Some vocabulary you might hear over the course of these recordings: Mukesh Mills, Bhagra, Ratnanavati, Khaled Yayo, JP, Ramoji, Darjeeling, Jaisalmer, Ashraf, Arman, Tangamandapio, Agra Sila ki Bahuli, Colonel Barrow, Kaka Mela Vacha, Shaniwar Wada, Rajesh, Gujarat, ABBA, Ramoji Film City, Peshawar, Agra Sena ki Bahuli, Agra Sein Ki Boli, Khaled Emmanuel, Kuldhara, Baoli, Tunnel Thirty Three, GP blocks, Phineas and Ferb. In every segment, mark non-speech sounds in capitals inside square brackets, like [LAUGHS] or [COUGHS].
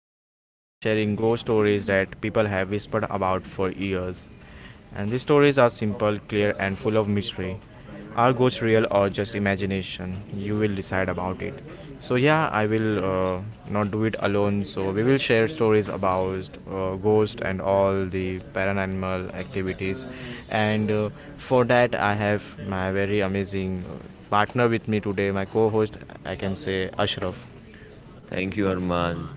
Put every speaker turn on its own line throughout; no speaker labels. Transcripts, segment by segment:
Tonight we are sharing ghost stories that people have whispered about for years. And these stories are simple, clear and full of mystery. Are ghosts real or just imagination? You will decide about it. So yeah, I will not do it alone. So we will share stories about ghosts and all the paranormal activities. And For that, I have my very amazing partner with me today, my co host, I can say, Ashraf.
Thank you, Arman.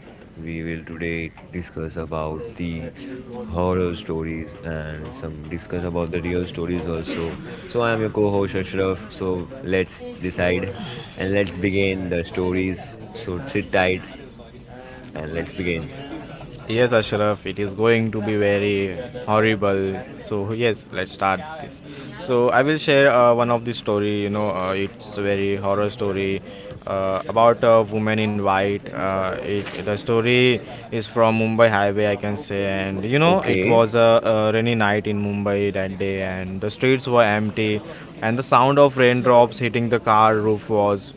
We will today discuss about the horror stories and some discuss about the real stories also. So I am your co-host Ashraf. So let's decide and let's begin the stories. So sit tight and let's begin.
Yes, Ashraf, it is going to be very horrible. So yes, let's start this. So I will share one of the story. You know, it's a very horror story about a woman in white. It the story is from Mumbai highway, I can say, and you know, it
Okay.
was a rainy night in Mumbai that day, and the streets were empty, and the sound of raindrops hitting the car roof was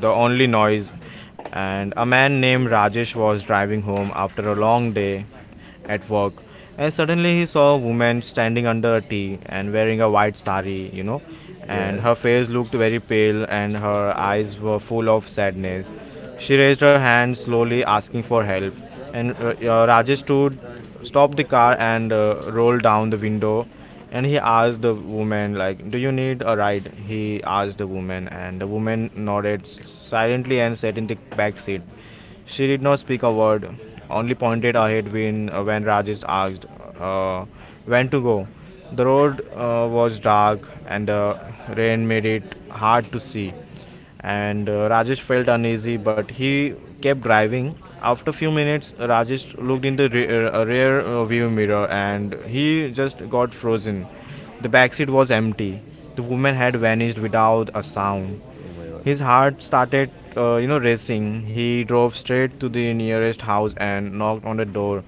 the only noise. And a man named Rajesh was driving home after a long day at work, and suddenly he saw a woman standing under a tree and wearing a white sari, and
Yeah.
her face looked very pale and her eyes were full of sadness. She raised her hand slowly, asking for help. And Rajesh stood stopped the car and rolled down the window, and he asked the woman, like, do you need a ride? He asked the woman, and the woman nodded silently and sat in the back seat. She did not speak a word, only pointed ahead when Rajesh asked uh, when to go. The road was dark and the rain made it hard to see, and Rajesh felt uneasy, but he kept driving. After few minutes, Rajesh looked in the rear view mirror and he just got frozen. The backseat was empty. The woman had vanished without a sound.
Oh my god.
His heart started, racing. He drove straight to the nearest house and knocked on the door.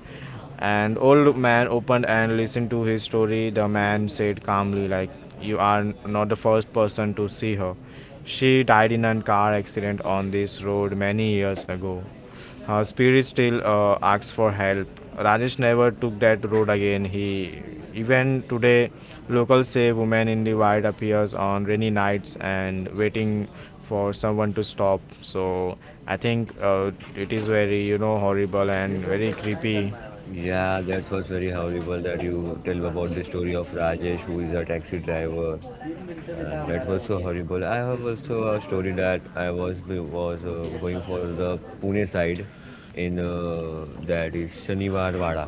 And old man opened and listened to his story. The man said calmly, like, you are not the first person to see her. She died in a car accident on this road many years ago. Her spirit still asks for help. Rajesh never took that road again. He even today locals say woman in the white appears on rainy nights and waiting for someone to stop. So I think it is very, horrible and very creepy.
Yeah, that was very horrible that you tell about the story of Rajesh, who is a taxi driver and that was so horrible. I have also a story that I was going for the Pune side in that is Shaniwar Wada.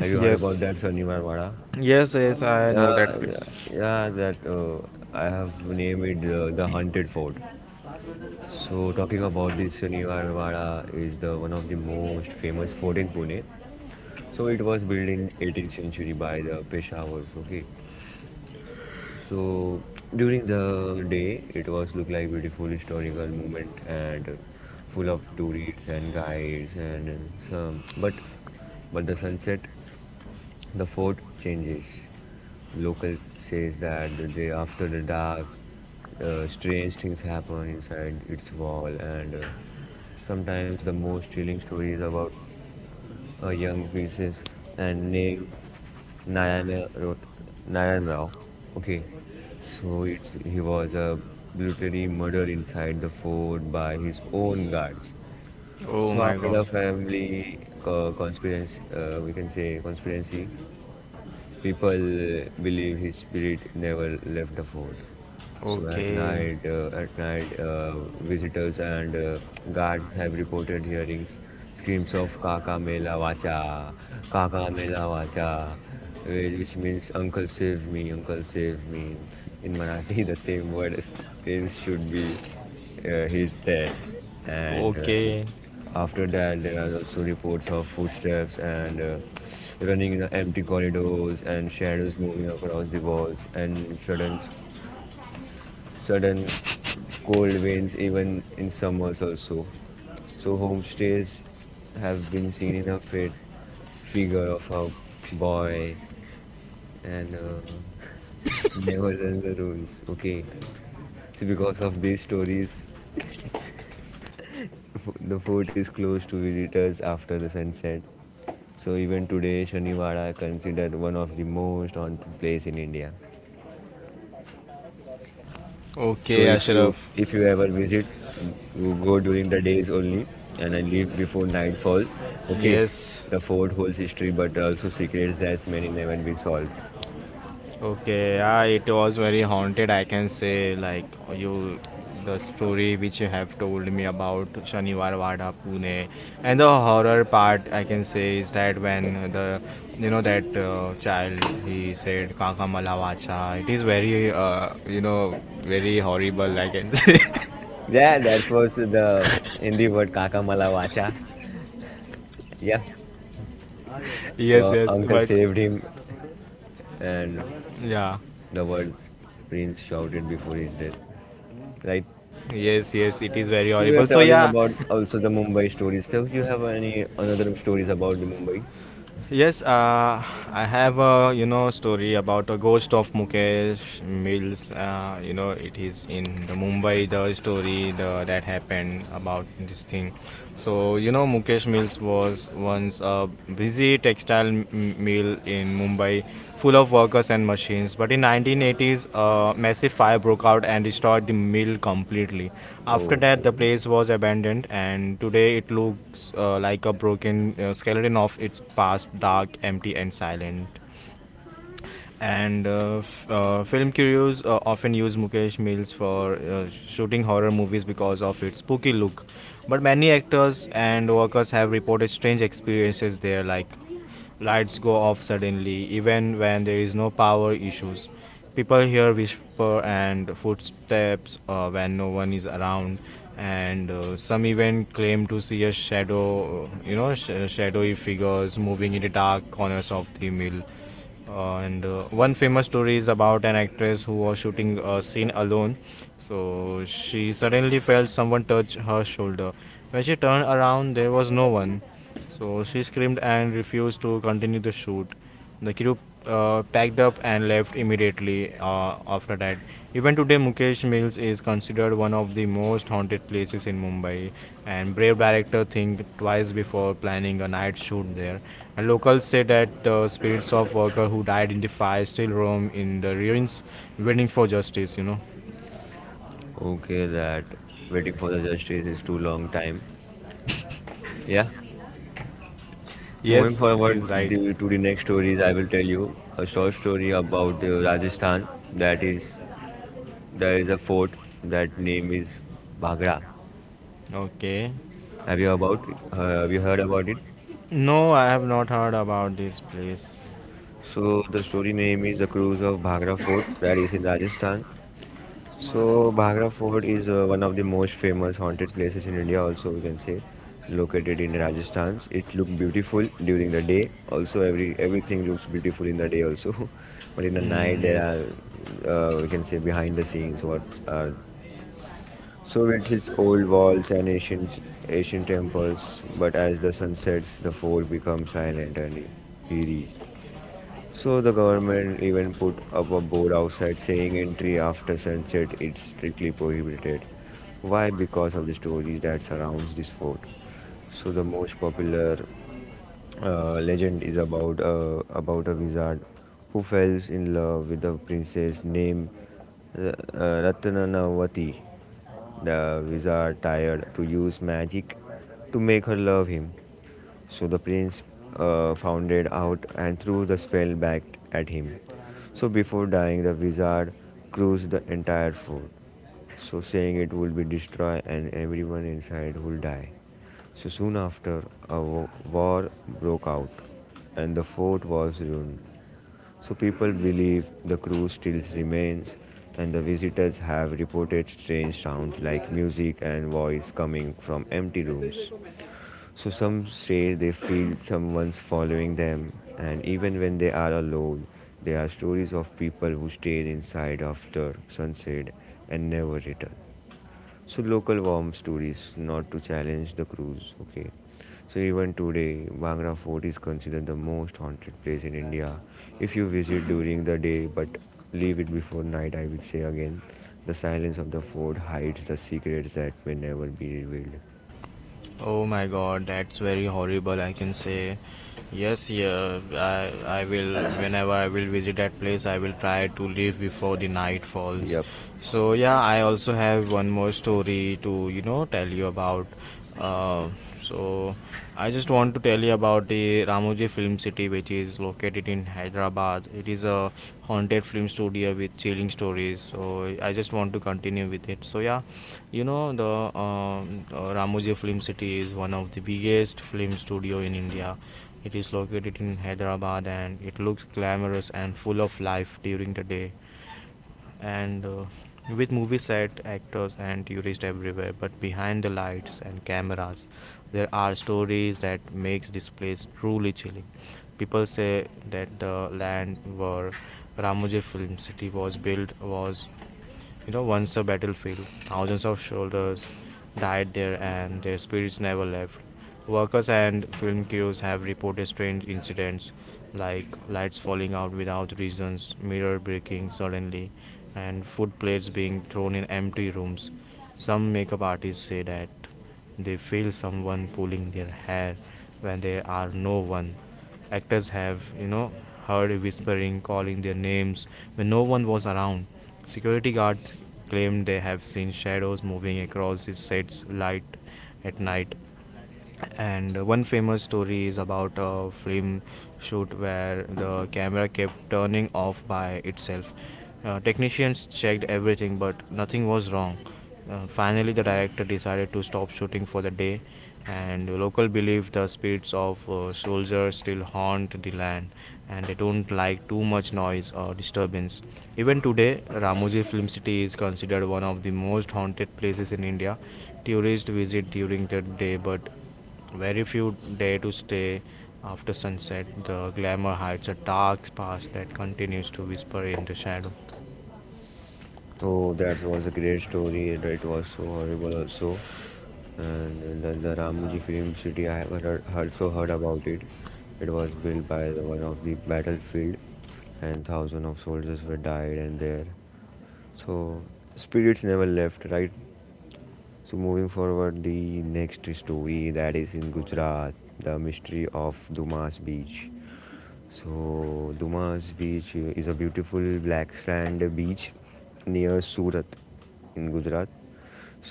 Have you heard about
Yes,
that Shaniwar Wada?
yes, yes, I know that
Yeah,
place.
that I have named it the Haunted Fort. So talking about this Shaniwar Wada is the one of the most famous fort in Pune. So it was built in 18th century by the Peshawars. Okay, so during the day, it was look like beautiful historical moment and full of tourists and guides and some. But the sunset the fort changes. Local says that the day after the dark, strange things happen inside its wall, and sometimes the most chilling stories about a young princess and named Narayana Ro- Narayan Rao. Okay, so it's, he was a brutally murdered inside the fort by his own guards.
Oh
So
my
after the
god.
family conspiracy, we can say conspiracy, people believe his spirit never left the fort. So at
Okay.
night, visitors and guards have reported hearings screams of "Kaka Mela Vacha, Kaka Mela Vacha," which means "Uncle save me, Uncle save me." In Marathi, [LAUGHS] the same word [LAUGHS] as means should be his death, and.
Okay,
After that, there are also reports of footsteps and running in the empty corridors and shadows moving across the walls and sudden cold winds even in summers also. So homestays have been seen in a fit figure of a boy and [LAUGHS] never done the rules. Okay, so because of these stories, [LAUGHS] the fort is closed to visitors after the sunset. So even today, Shaniwara considered one of the most haunted place in India. So
okay,
if you
Ashraf.
if you ever visit, you go during the days only, and then leave before nightfall. Okay,
Yes.
the fort holds history, but also secrets that many never be solved.
Okay, ah, it was very haunted. I can say, like, you, the story which you have told me about Shaniwar Wada Pune, and the horror part I can say is that when the, you know, that child he said Kaka Mala Vacha. It is very, very horrible. I can say. [LAUGHS]
Yeah, that was the Hindi word Kaka Mala Vacha. Yeah,
Yes,
so
yes,
uncle
but
saved him, and
yeah,
the words Prince shouted before his death. Right?
yes, yes, it is very
So we are
horrible. So
traveling
yeah,
about also the Mumbai stories. So you have any another stories about the Mumbai?
yes, I have a, you know, story about a ghost of Mukesh Mills. You know, it is in the Mumbai the story the, that happened about this thing. So you know, Mukesh Mills was once a busy textile mill in Mumbai, full of workers and machines. But in 1980s, a massive fire broke out and destroyed the mill completely. After that, the
Okay,
place was abandoned, and today it looks like a broken skeleton of its past, dark, empty, and silent. And film curios often use Mukesh Mills for shooting horror movies because of its spooky look. But many actors and workers have reported strange experiences there, like lights go off suddenly, even when there is no power issues. People hear whisper and footsteps when no one is around, and some even claim to see a shadow, shadowy figures moving in the dark corners of the mill. And One famous story is about an actress who was shooting a scene alone. So she suddenly felt someone touch her shoulder. When she turned around, there was no one. So she screamed and refused to continue the shoot. The crew packed up and left immediately after that. Even today, Mukesh Mills is considered one of the most haunted places in Mumbai, and brave director think twice before planning a night shoot there. And locals say that the spirits of workers who died in the fire still roam in the ruins, waiting for justice.
okay, that waiting for the justice is too long time. Yeah.
Yes,
Moving
it is
forward
right.
to the next stories, I will tell you a short story about Rajasthan. That is, there is a fort that name is Bhagra.
Okay.
Have you about it? Have you heard about it?
No, I have not heard about this place.
So the story name is the cruise of Bhagra Fort that is in Rajasthan. So, Bhagra Fort is one of the most famous haunted places in India, also, we can say, located in Rajasthan. It looked beautiful during the day. Also, everything looks beautiful in the day, also. [LAUGHS] But in the
Mm,
night, there
yes.
are, we can say, behind the scenes, what are. So, with its old walls and ancient temples, but as the sun sets, the fort becomes silent and eerie. So the government even put up a board outside saying entry after sunset is strictly prohibited. Why? Because of the stories that surrounds this fort. So the most popular legend is about a wizard who falls in love with a princess named Ratnanavati. The wizard tired to use magic to make her love him, so the prince founded out and threw the spell back at him. So before dying, the wizard cruised the entire fort, so saying it will be destroyed and everyone inside will die. So soon after, a war broke out and the fort was ruined. So people believe the cruise still remains and the visitors have reported strange sounds like music and voice coming from empty rooms. So some strays they feel someone's following them, and even when they are alone, there are stories of people who stayed inside after sunset and never return. So local warm stories, not to challenge the cruise. Okay. So even today, Bhangra Fort is considered the most haunted place in India. If you visit during the day but leave it before night, I will say again, the silence of the fort hides the secrets that may never be revealed.
Oh my god, that's very horrible, I can say. Yes, yeah, I will, whenever I will visit that place, I will try to leave before the night falls.
Yep.
So, yeah, I also have one more story to, you know, tell you about. Uh, so, I just want to tell you about the Ramoji Film City, which is located in Hyderabad. It is a haunted film studio with chilling stories. So, I just want to continue with it. So, yeah, you know, the Ramoji Film City is one of the biggest film studio in India. It is located in Hyderabad and it looks glamorous and full of life during the day and with movie set actors and tourists everywhere, but behind the lights and cameras there are stories that makes this place truly chilling. People say that the land where Ramoji Film City was built was, once a battlefield. Thousands of soldiers died there and their spirits never left. Workers and film crews have reported strange incidents like lights falling out without reasons, mirror breaking suddenly, and food plates being thrown in empty rooms. Some makeup artists say that they feel someone pulling their hair when there are no one. Actors have, heard whispering calling their names when no one was around. Security guards claim they have seen shadows moving across the sets light at night. And one famous story is about a film shoot where the camera kept turning off by itself. Technicians checked everything, but nothing was wrong. Finally, the director decided to stop shooting for the day, and local believe the spirits of soldiers still haunt the land, and they don't like too much noise or disturbance. Even today, Ramoji Film City is considered one of the most haunted places in India. Tourists visit during the day, but very few dare to stay after sunset. The glamour hides a dark past that continues to whisper in the shadow.
Oh, that was a great story, and it was so horrible also. And the Ramoji film city, I have heard, also heard about it. It was built by the one of the battlefield, and thousands of soldiers were died and there. So spirits never left, right? So moving forward, the next story that is in Gujarat, the mystery of Dumas Beach. So Dumas Beach is a beautiful black sand beach near Surat in Gujarat.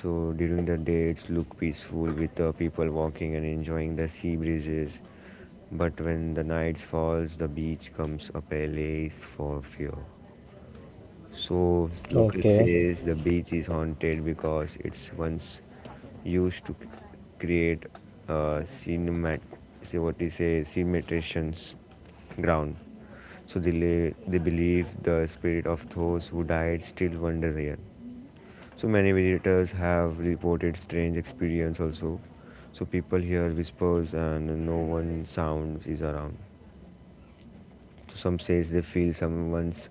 So during the day, it's look peaceful with the people walking and enjoying the sea breezes. But when the night falls, the beach comes a palace for fear. So local
Okay.
says the beach is haunted because it's once used to create a cinemat. See what is a cimitations ground. So they, lay, they believe the spirit of those who died still wander here. So many visitors have reported strange experience also. So people hear whispers and no one sounds is around. So some says they feel someone's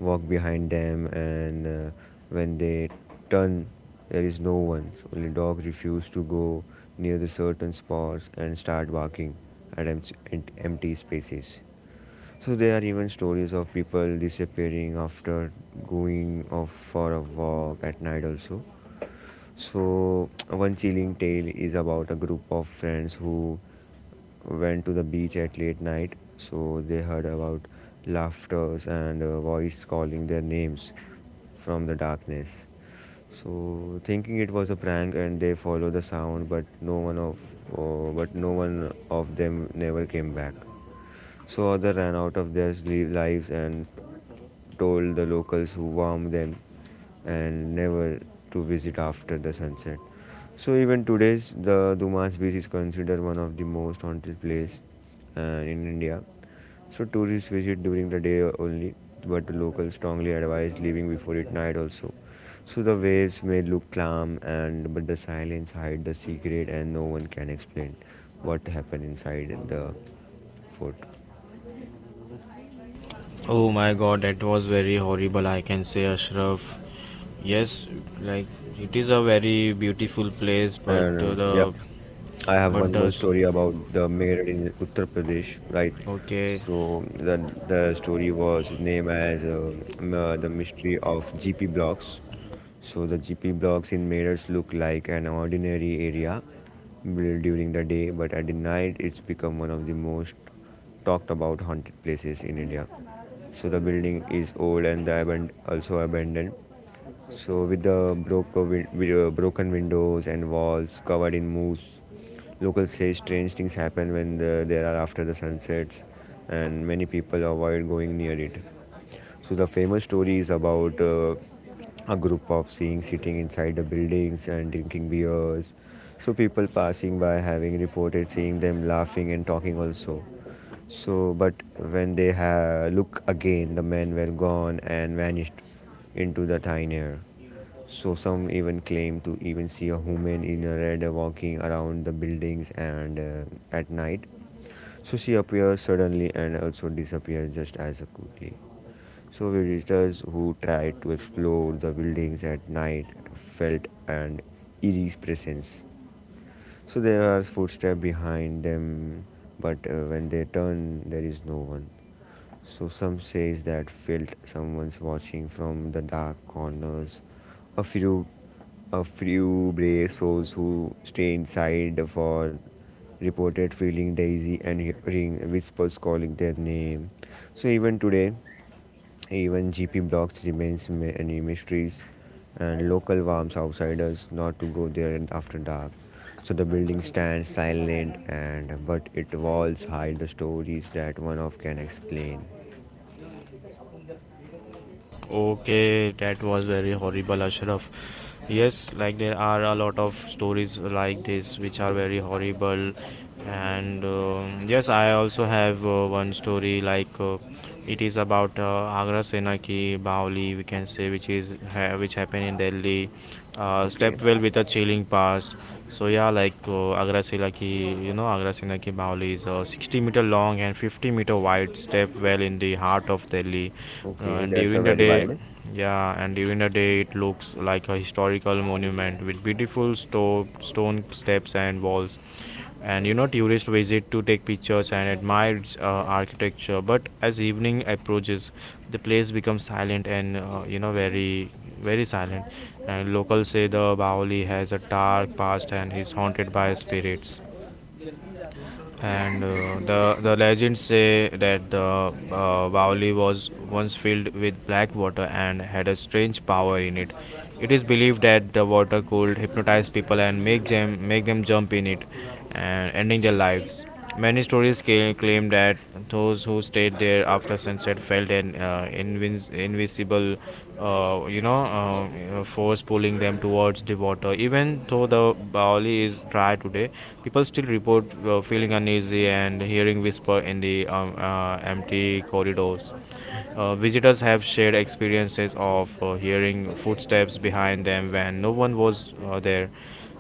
walk behind them and when they turn there is no one. So only dog refuse to go near the certain spots and start barking at empty spaces. So there are even stories of people disappearing after going off for a walk at night also. So, one chilling tale is about a group of friends who went to the beach at late night. So, they heard about laughters and a voice calling their names from the darkness. So, thinking it was a prank, and they follow the sound, but no one of but no one of them never came back. So others ran out of their lives and told the locals who warmed them and never to visit after the sunset. So even today, the Dumas Beach is considered one of the most haunted place uh, in India. So tourists visit during the day only, but the locals strongly advise leaving before it night also. So the waves may look calm and but the silence hide the secret and no one can explain what happened inside the fort.
Oh my god, that was very horrible, I can say, Ashraf. Yes, like it is a very beautiful place, but
And yeah,
the
I have
but
one
the
more story about the mayor in Uttar Pradesh, right?
okay
So the story was named as the mystery of GP blocks. So the GP blocks in Meerut look like an ordinary area built during the day, but at night it's become one of the most talked about haunted places in India. So the building is old and the also abandoned, so with the broken windows and walls covered in moss, locals say strange things happen when the, there are after the sunsets, and many people avoid going near it. So the famous story is about a group of seeing sitting inside the buildings and drinking beers. So people passing by having reported seeing them laughing and talking also. So but when they look again, the men were gone and vanished into the thin air. So some even claim to even see a woman in a red walking around the buildings and at night. So she appears suddenly and also disappears just as quickly. So visitors who tried to explore the buildings at night felt an eerie presence. So there are footsteps behind them, but when they turn, there is no one. So some says that felt someone's watching from the dark corners. A few a few brave souls who stay inside for reported feeling dizzy and hearing whispers calling their name. So even today, even GP blocks remains many mysteries and local warns outsiders not to go there after dark. So the building stands silent and but it walls hide the stories that one of can explain.
okay, that was very horrible, Ashraf. Yes, like there are a lot of stories like this which are very horrible, and yes, I also have one story like it is about Agra Sena ki Bahuli, we can say, which is ha which happened in Delhi.
Okay,
Stepwell with a chilling past. So yeah, like Agra Sila ki, you know, Agra Sila ki Bahuli is a 60-meter meter long and 50-meter meter wide step well in the heart of Delhi.
okay,
And
that's a
during the
very
day,
wide.
yeah, and during the day it looks like a historical monument with beautiful stone steps and walls, and you know tourists visit to take pictures and admire its architecture, but as evening approaches the place becomes silent and, very very silent, and locals say the Baoli has a dark past and is haunted by spirits. And the legends say that the Baoli was once filled with black water and had a strange power in it. It is believed that the water could hypnotize people and make them jump in it, and ending their lives. Many stories claim that those who stayed there after sunset felt an invisible, force pulling them towards the water. Even though the Bali is dry today, people still report feeling uneasy and hearing whisper in the empty corridors. Visitors have shared experiences of hearing footsteps behind them when no one was there.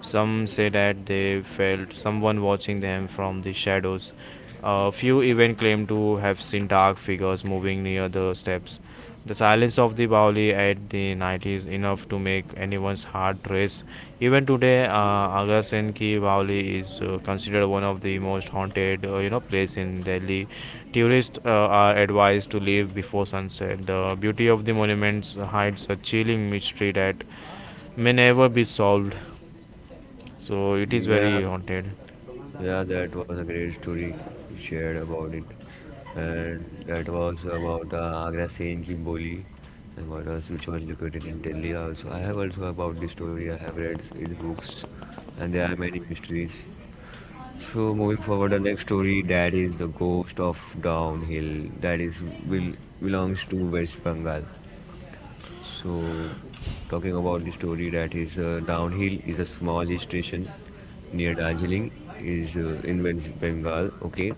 Some say that they felt someone watching them from the shadows. A few even claim to have seen dark figures moving near the steps. The silence of the Baoli at the night is enough to make anyone's heart race. Even today, Agra Sen Ki Baoli is considered one of the most haunted, place in Delhi. Tourists are advised to leave before sunset. The beauty of the monuments hides a chilling mystery that may never be solved. So it is
Yeah,
very haunted.
yeah, that was a great story you shared about it, and that was about Agra Sein Ki Boli, and what was which was located in Delhi. Also, I have also about this story. I have read in books, and there are many mysteries. So moving forward, the next story that is the ghost of downhill that is will belongs to West Bengal. So talking about the story that is downhill is a small hill station near Darjeeling is in West Bengal. Okay,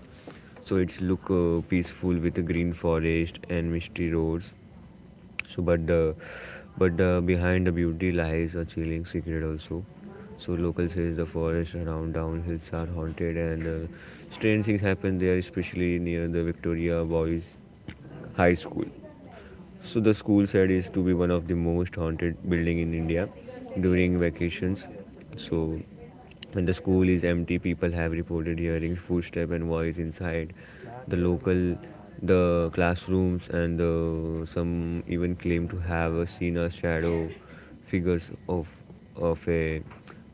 so it's look peaceful with the green forest and misty roads. So, but the but behind the beauty lies a chilling secret also. So local says the forest around down hills are haunted and strange things happen there, especially near the Victoria Boys High School. So the school said is to be one of the most haunted building in India during vacations. So when the school is empty, people have reported hearing footsteps and voice inside the local the classrooms and some even claim to have seen a shadow figures of a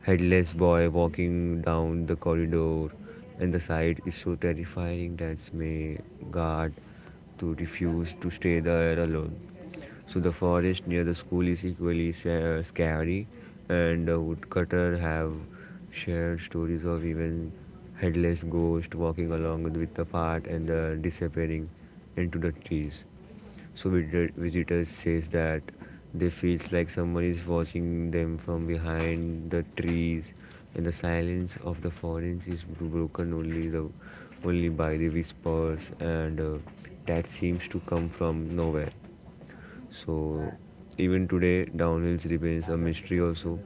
headless boy walking down the corridor, and the sight is so terrifying that may guard to refuse to stay there alone. So the forest near the school is equally scary, and the woodcutter have shared stories of even headless ghost walking along with the path and the disappearing into the trees. So visitors says that they feels like someone is watching them from behind the trees, and the silence of the forest is broken only by the whispers and that seems to come from nowhere. So even today, downhills remains a mystery also.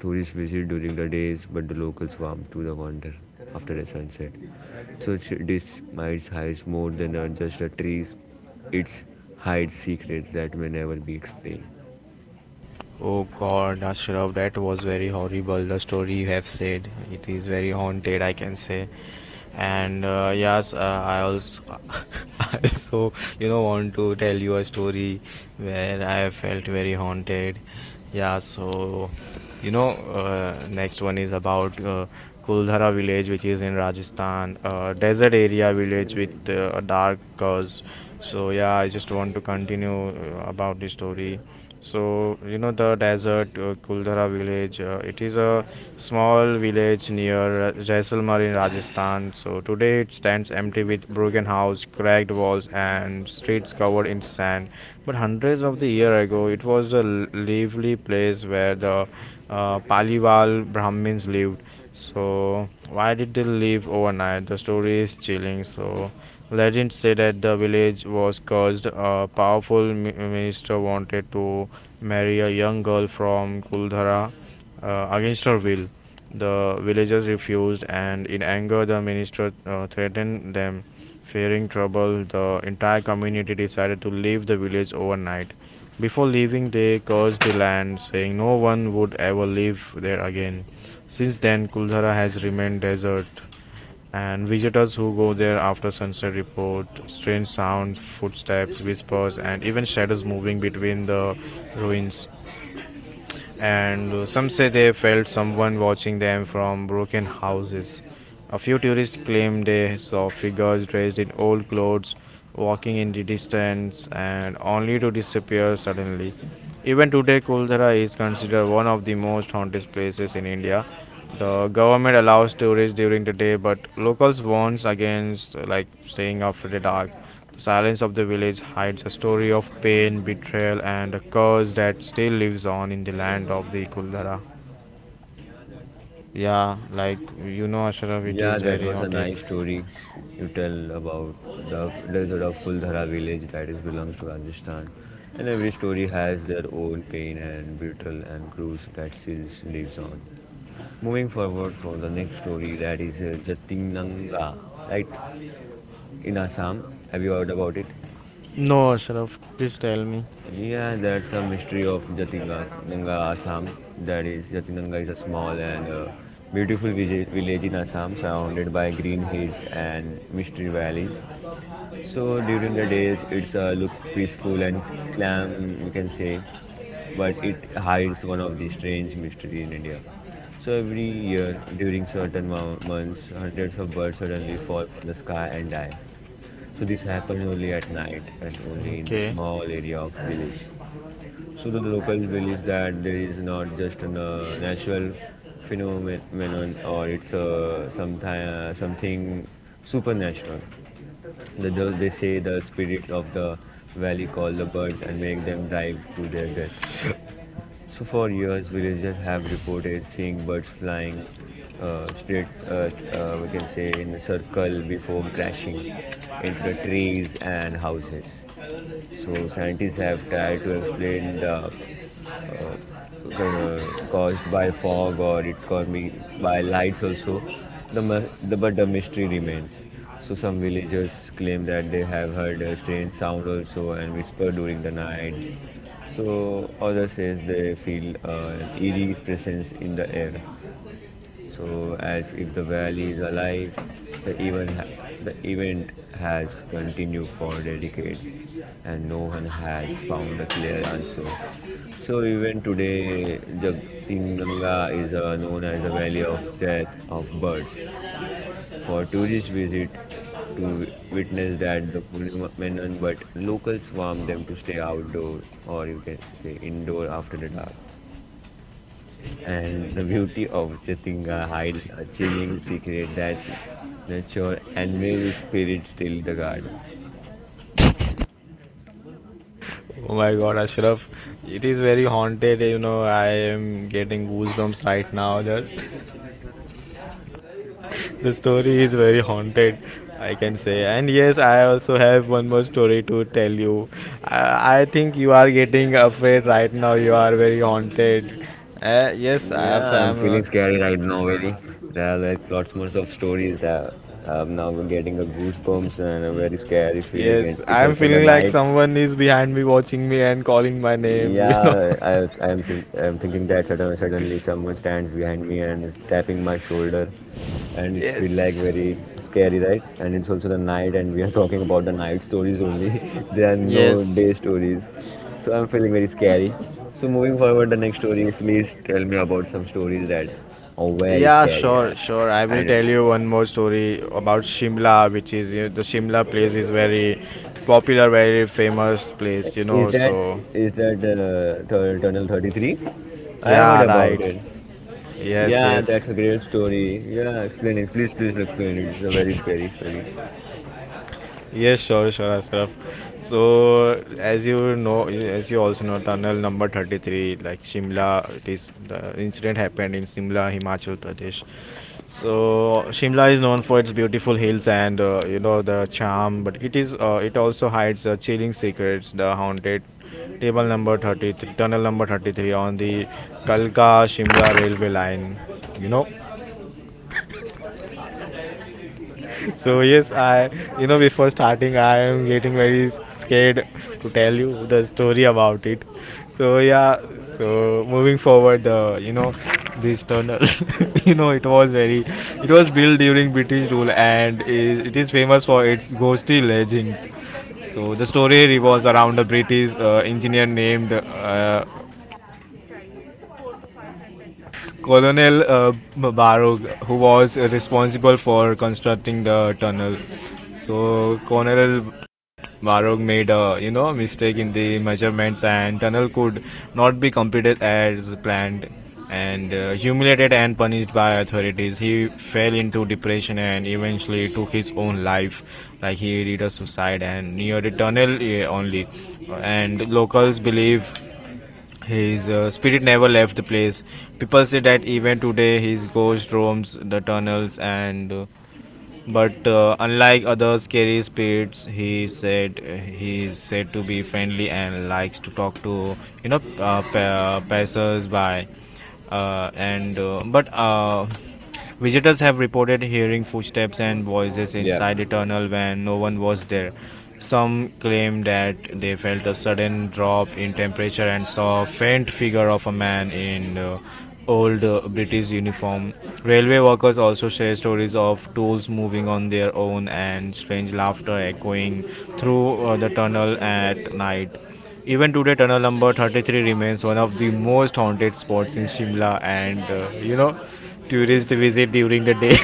Tourists visit during the days, but the locals warm to the wonder after the sunset. So this might hides more than just the trees. It hides secrets that may never be explained.
Oh God, Ashraf, that was very horrible. The story you have said, it is very haunted, I can say. And yes, I also, [LAUGHS] I also, want to tell you a story where I felt very haunted. So next one is about Kuldhara village, which is in Rajasthan, desert area village with a dark cause. So yeah, I just want to continue about the story. So you know the desert Kuldhara village. It is a small village near Jaisalmer in Rajasthan. So today it stands empty with broken house, cracked walls, and streets covered in sand. But hundreds of the year ago, it was a lively place where the Paliwal Brahmins lived. So, why did they leave overnight? The story is chilling. So, legends say that the village was cursed. A powerful minister wanted to marry a young girl from Kuldhara against her will. The villagers refused, and in anger, the minister threatened them. Fearing trouble, the entire community decided to leave the village overnight. Before leaving, they cursed the land, saying no one would ever live there again. Since then, Kuldhara has remained desert, and visitors who go there after sunset report strange sounds, footsteps, whispers, and even shadows moving between the ruins, and some say they felt someone watching them from broken houses. A few tourists claim they saw figures dressed in old clothes walking in the distance and only to disappear suddenly. Even today, Kuldhara is considered one of the most haunted places in India. The government allows tourists during the day, but locals warns against staying after the dark. The Silence of the Village hides a story of pain, betrayal, and a curse that still lives on in the land of the Kuldhara. Yeah, like you know, Ashraf, it is
Yeah, that
very
was a
haunted.
nice story you tell about the desert of Kuldhara village that is belongs to Rajasthan. And every story has their own pain and betrayal and cruise that still lives on. Moving forward for the next story that is Jatinanga, right, in Assam. Have you heard about it?
No, Ashraf, please tell me.
Yeah, that's a mystery of Jatinanga, Assam. That is, Jatinanga is a small and beautiful village in Assam, surrounded by green hills and mystery valleys. So during the days, it's look peaceful and calm, you can say, but it hides one of the strange mystery in India. So every year, during certain months, hundreds of birds suddenly fall from the sky and die. So this happens only at night and only in the
Okay.
small area of village. So the locals believe that there is not just a natural phenomenon or it's something supernatural. They say the spirits of the valley call the birds and make them dive to their death. So for years, villagers have reported seeing birds flying straight, we can say, in a circle before crashing into the trees and houses. So scientists have tried to explain the caused by fog or it's caused me by lights also. The, mu- the but the mystery remains. So some villagers claim that they have heard a strange sound also and whisper during the nights. So others says they feel an eerie presence in the air. So, as if the valley is alive, the event has continued for decades and no one has found a clear answer. So, even today, Jagtinganga is known as the Valley of Death of Birds. For tourists visit to witness that the phenomenon, but locals warn them to stay outdoor or you can say indoor after the dark. And the beauty of Chatinga hides a chilling secret that nature and maybe spirit still the garden.
Oh my God, Ashraf, it is very haunted. You know, I am getting goosebumps right now. Just the story is very haunted, I can say. And yes, I also have one more story to tell you. I think you are getting afraid right now. You are very haunted. Yes, I
Yeah, I'm
am not.
feeling scary right now, very. There are like lots more of stories. I'm now getting a goosebumps and a very scary feeling.
Yes,
And it's
I'm
also the
feeling like
night.
someone is behind me, watching me, and calling my name. [LAUGHS] You know.
Yeah, I am thinking that suddenly someone stands behind me and is tapping my shoulder, and it's feel like
Yes.
very scary, right? And it's also the night, and we are talking about the night stories only. [LAUGHS] There are no
Yes.
day stories, so I'm feeling very scary. So moving forward, the next story, please tell me about some stories that are very
Yeah,
scary.
sure, sure. I
I
will
don't
tell
know.
you one more story about Shimla, which is, you know, the Shimla place is very popular, very famous place, you
Is
know.
that
So,
is that Tunnel 33? I heard
yeah,
about
right.
it.
Yes,
Yeah,
yes,
that's a great story. Yeah, explain it. Please, please explain it. It's a very scary story.
yes, sure, sure, Ashraf. So, as you know, as you also know, tunnel number 33, like Shimla, it is the incident happened in Shimla, Himachal Pradesh. So, Shimla is known for its beautiful hills and you know the charm, but it is it also hides chilling secrets, the haunted table number 33, tunnel number 33 on the Kalka Shimla railway line, you know. So yes, I you know before starting I am getting very scared to tell you the story about it. So yeah, so moving forward the, you know, this tunnel [LAUGHS] you know it was very it was built during British rule and I it is famous for its ghostly legends. So the story revolves around a British engineer named Colonel Barrow, who was responsible for constructing the tunnel. So Colonel Varog made a, you know, mistake in the measurements and tunnel could not be completed as planned, and humiliated and punished by authorities, he fell into depression and eventually took his own life, like he did a suicide and near the tunnel only, and locals believe his spirit never left the place. People say that even today his ghost roams the tunnels and but unlike other scary spirits, he is said to be friendly and likes to talk to, you know, passers by, and but visitors have reported hearing footsteps and voices
Yeah.
inside the tunnel when no one was there. Some claim that they felt a sudden drop in temperature and saw a faint figure of a man in old British uniform. Railway workers also share stories of tools moving on their own and strange laughter echoing through the tunnel at night. Even today, Tunnel number 33 remains one of the most haunted spots in Shimla, and you know, tourists visit during the day.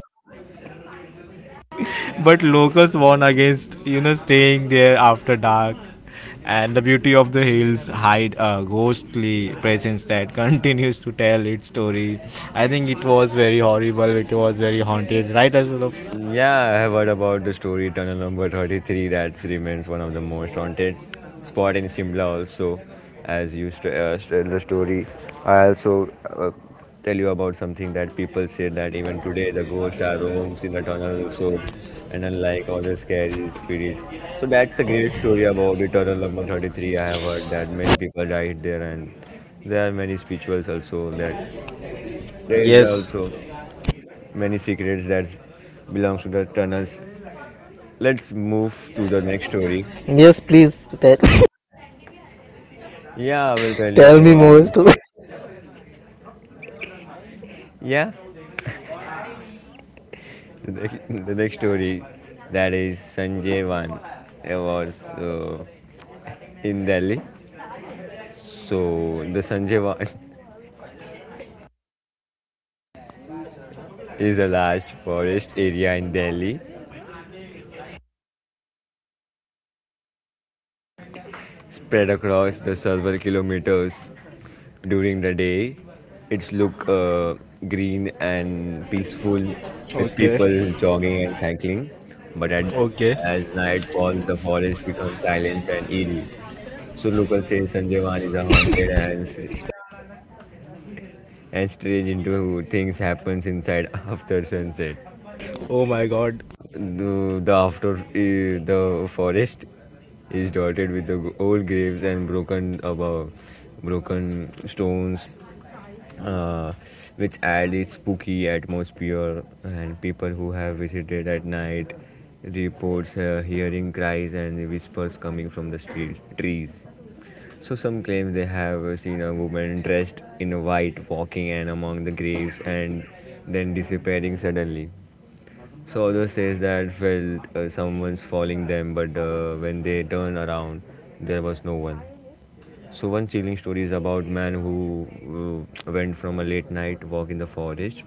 [LAUGHS] But locals warn against, you know, staying there after dark. And the beauty of the hills hide a ghostly presence that [LAUGHS] continues to tell its story. I think it was very horrible. It was very haunted, right, Ashraf?
Yeah, I have heard about the story tunnel number 33 that remains one of the most haunted spot in Simla also. As you the story, I also tell you about something that people say that even today the ghosts are roams in the tunnel also, and unlike other scary spirit. So that's a great story about the tunnel number 33. I have heard that many people died there and there are many spirituals also, that there is
Yes.
also many secrets that belongs to the tunnels. Let's move to the next story.
Yes, please tell, [LAUGHS]
Yeah, I will tell
[COUGHS]
you
tell me more. Too.
about yeah the, [LAUGHS] the next story that is Sanjay Van. It was uh, in Delhi. So the Sanjay Van [LAUGHS] is a large forest area in Delhi spread across the several kilometers during the day. It's look green and peaceful with people
Okay.
jogging and cycling. But at,
Okay.
as night falls, the forest becomes silent and eerie. So locals say Sanjaywan is a haunted and strange into things happens inside [LAUGHS] after sunset.
Oh my God.
The forest is dotted with the old graves and broken stones, uh, which add a spooky atmosphere. And people who have visited at night reports hearing cries and whispers coming from the street, trees. So some claim they have seen a woman dressed in white walking and among the graves and then disappearing suddenly. So other says that felt someone's following them, but when they turn around, there was no one. So one chilling story is about man who went from a late night walk in the forest.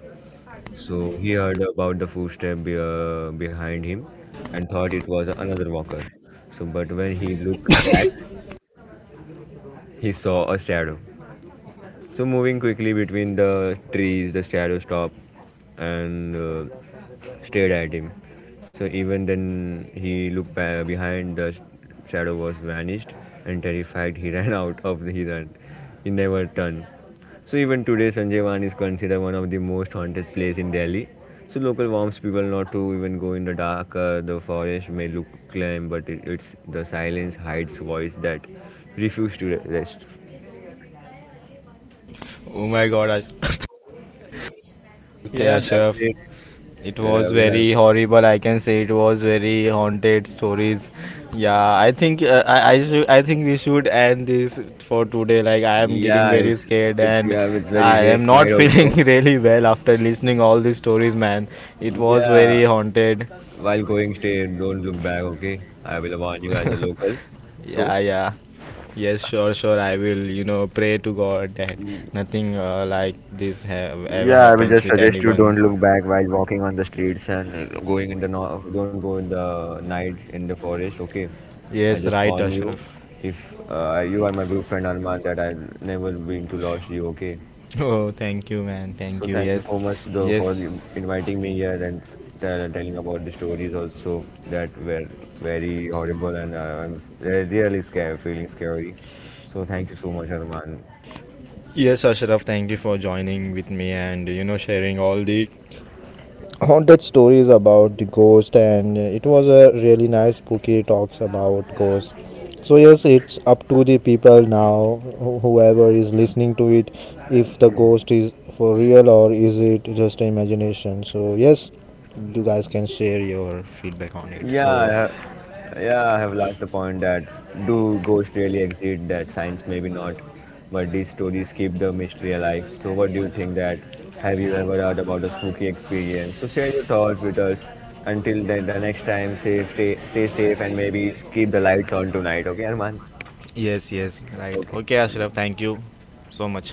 So he heard about the footstep behind him and thought it was another walker. So but when he looked back, he saw a shadow. So moving quickly between the trees, the shadow stopped and stared at him. So even then, he looked behind. The shadow was vanished, and terrified, he [LAUGHS] ran out of the hidden. He never turned. So even today, Sanjaywan is considered one of the most haunted place in Delhi. So local warns people not to even go in the dark. The forest may look calm, but it's the silence hides voice that refuse to rest.
Oh my God, Ash. Okay,
Yeah, that's
Ashraf,
it.
it
Yeah,
was
we have.
very horrible. I can say it was very haunted stories. Yeah, I think we should end this for today. Like I am getting
Yeah,
very scared,
it's
and
yeah, it's very
I am
late
not
night
[LAUGHS] feeling
also.
really well after listening all these stories, man. It was
Yeah,
very haunted.
while going, stay and don't look back. Okay, I will warn you as a local.
[LAUGHS]
So,
Yeah, yeah. Yes, sure, sure. I will, you know, pray to God that
mm,
nothing like this have ever
yeah, I will
happened
just
with.
suggest you don't look back while walking on the streets and going in the no. Don't go in the nights in the forest. Okay, I
Yes,
just
right,
warn
Ashraf.
you. If you are my good friend Arman, that I'm never going to lose you. Okay,
Oh, thank you, man. Thank
so
you.
thank you
Yes,
so much though for
yes,
inviting me here and telling about the stories also that were very horrible and I'm really scared, feeling scary. So thank you so much, Arman.
yes, Ashraf. Thank you for joining with me and, you know, sharing all the haunted stories about the ghost, and it was a really nice spooky talks about ghosts. So yes, it's up to the people now, whoever is listening to it, if the ghost is for real or is it just imagination. So yes, you guys can share your feedback on it.
Yeah,
So
I have, yeah, I have lost the point that do ghosts really exist? That science maybe not, but these stories keep the mystery alive. So, what do you think that? Have you ever heard about a spooky experience? So, share your thoughts with us. Until then, the next time, stay safe, and maybe keep the lights on tonight. Okay, Arman?
yes, yes, right. Okay,
Okay.
Ashraf. Thank you so much.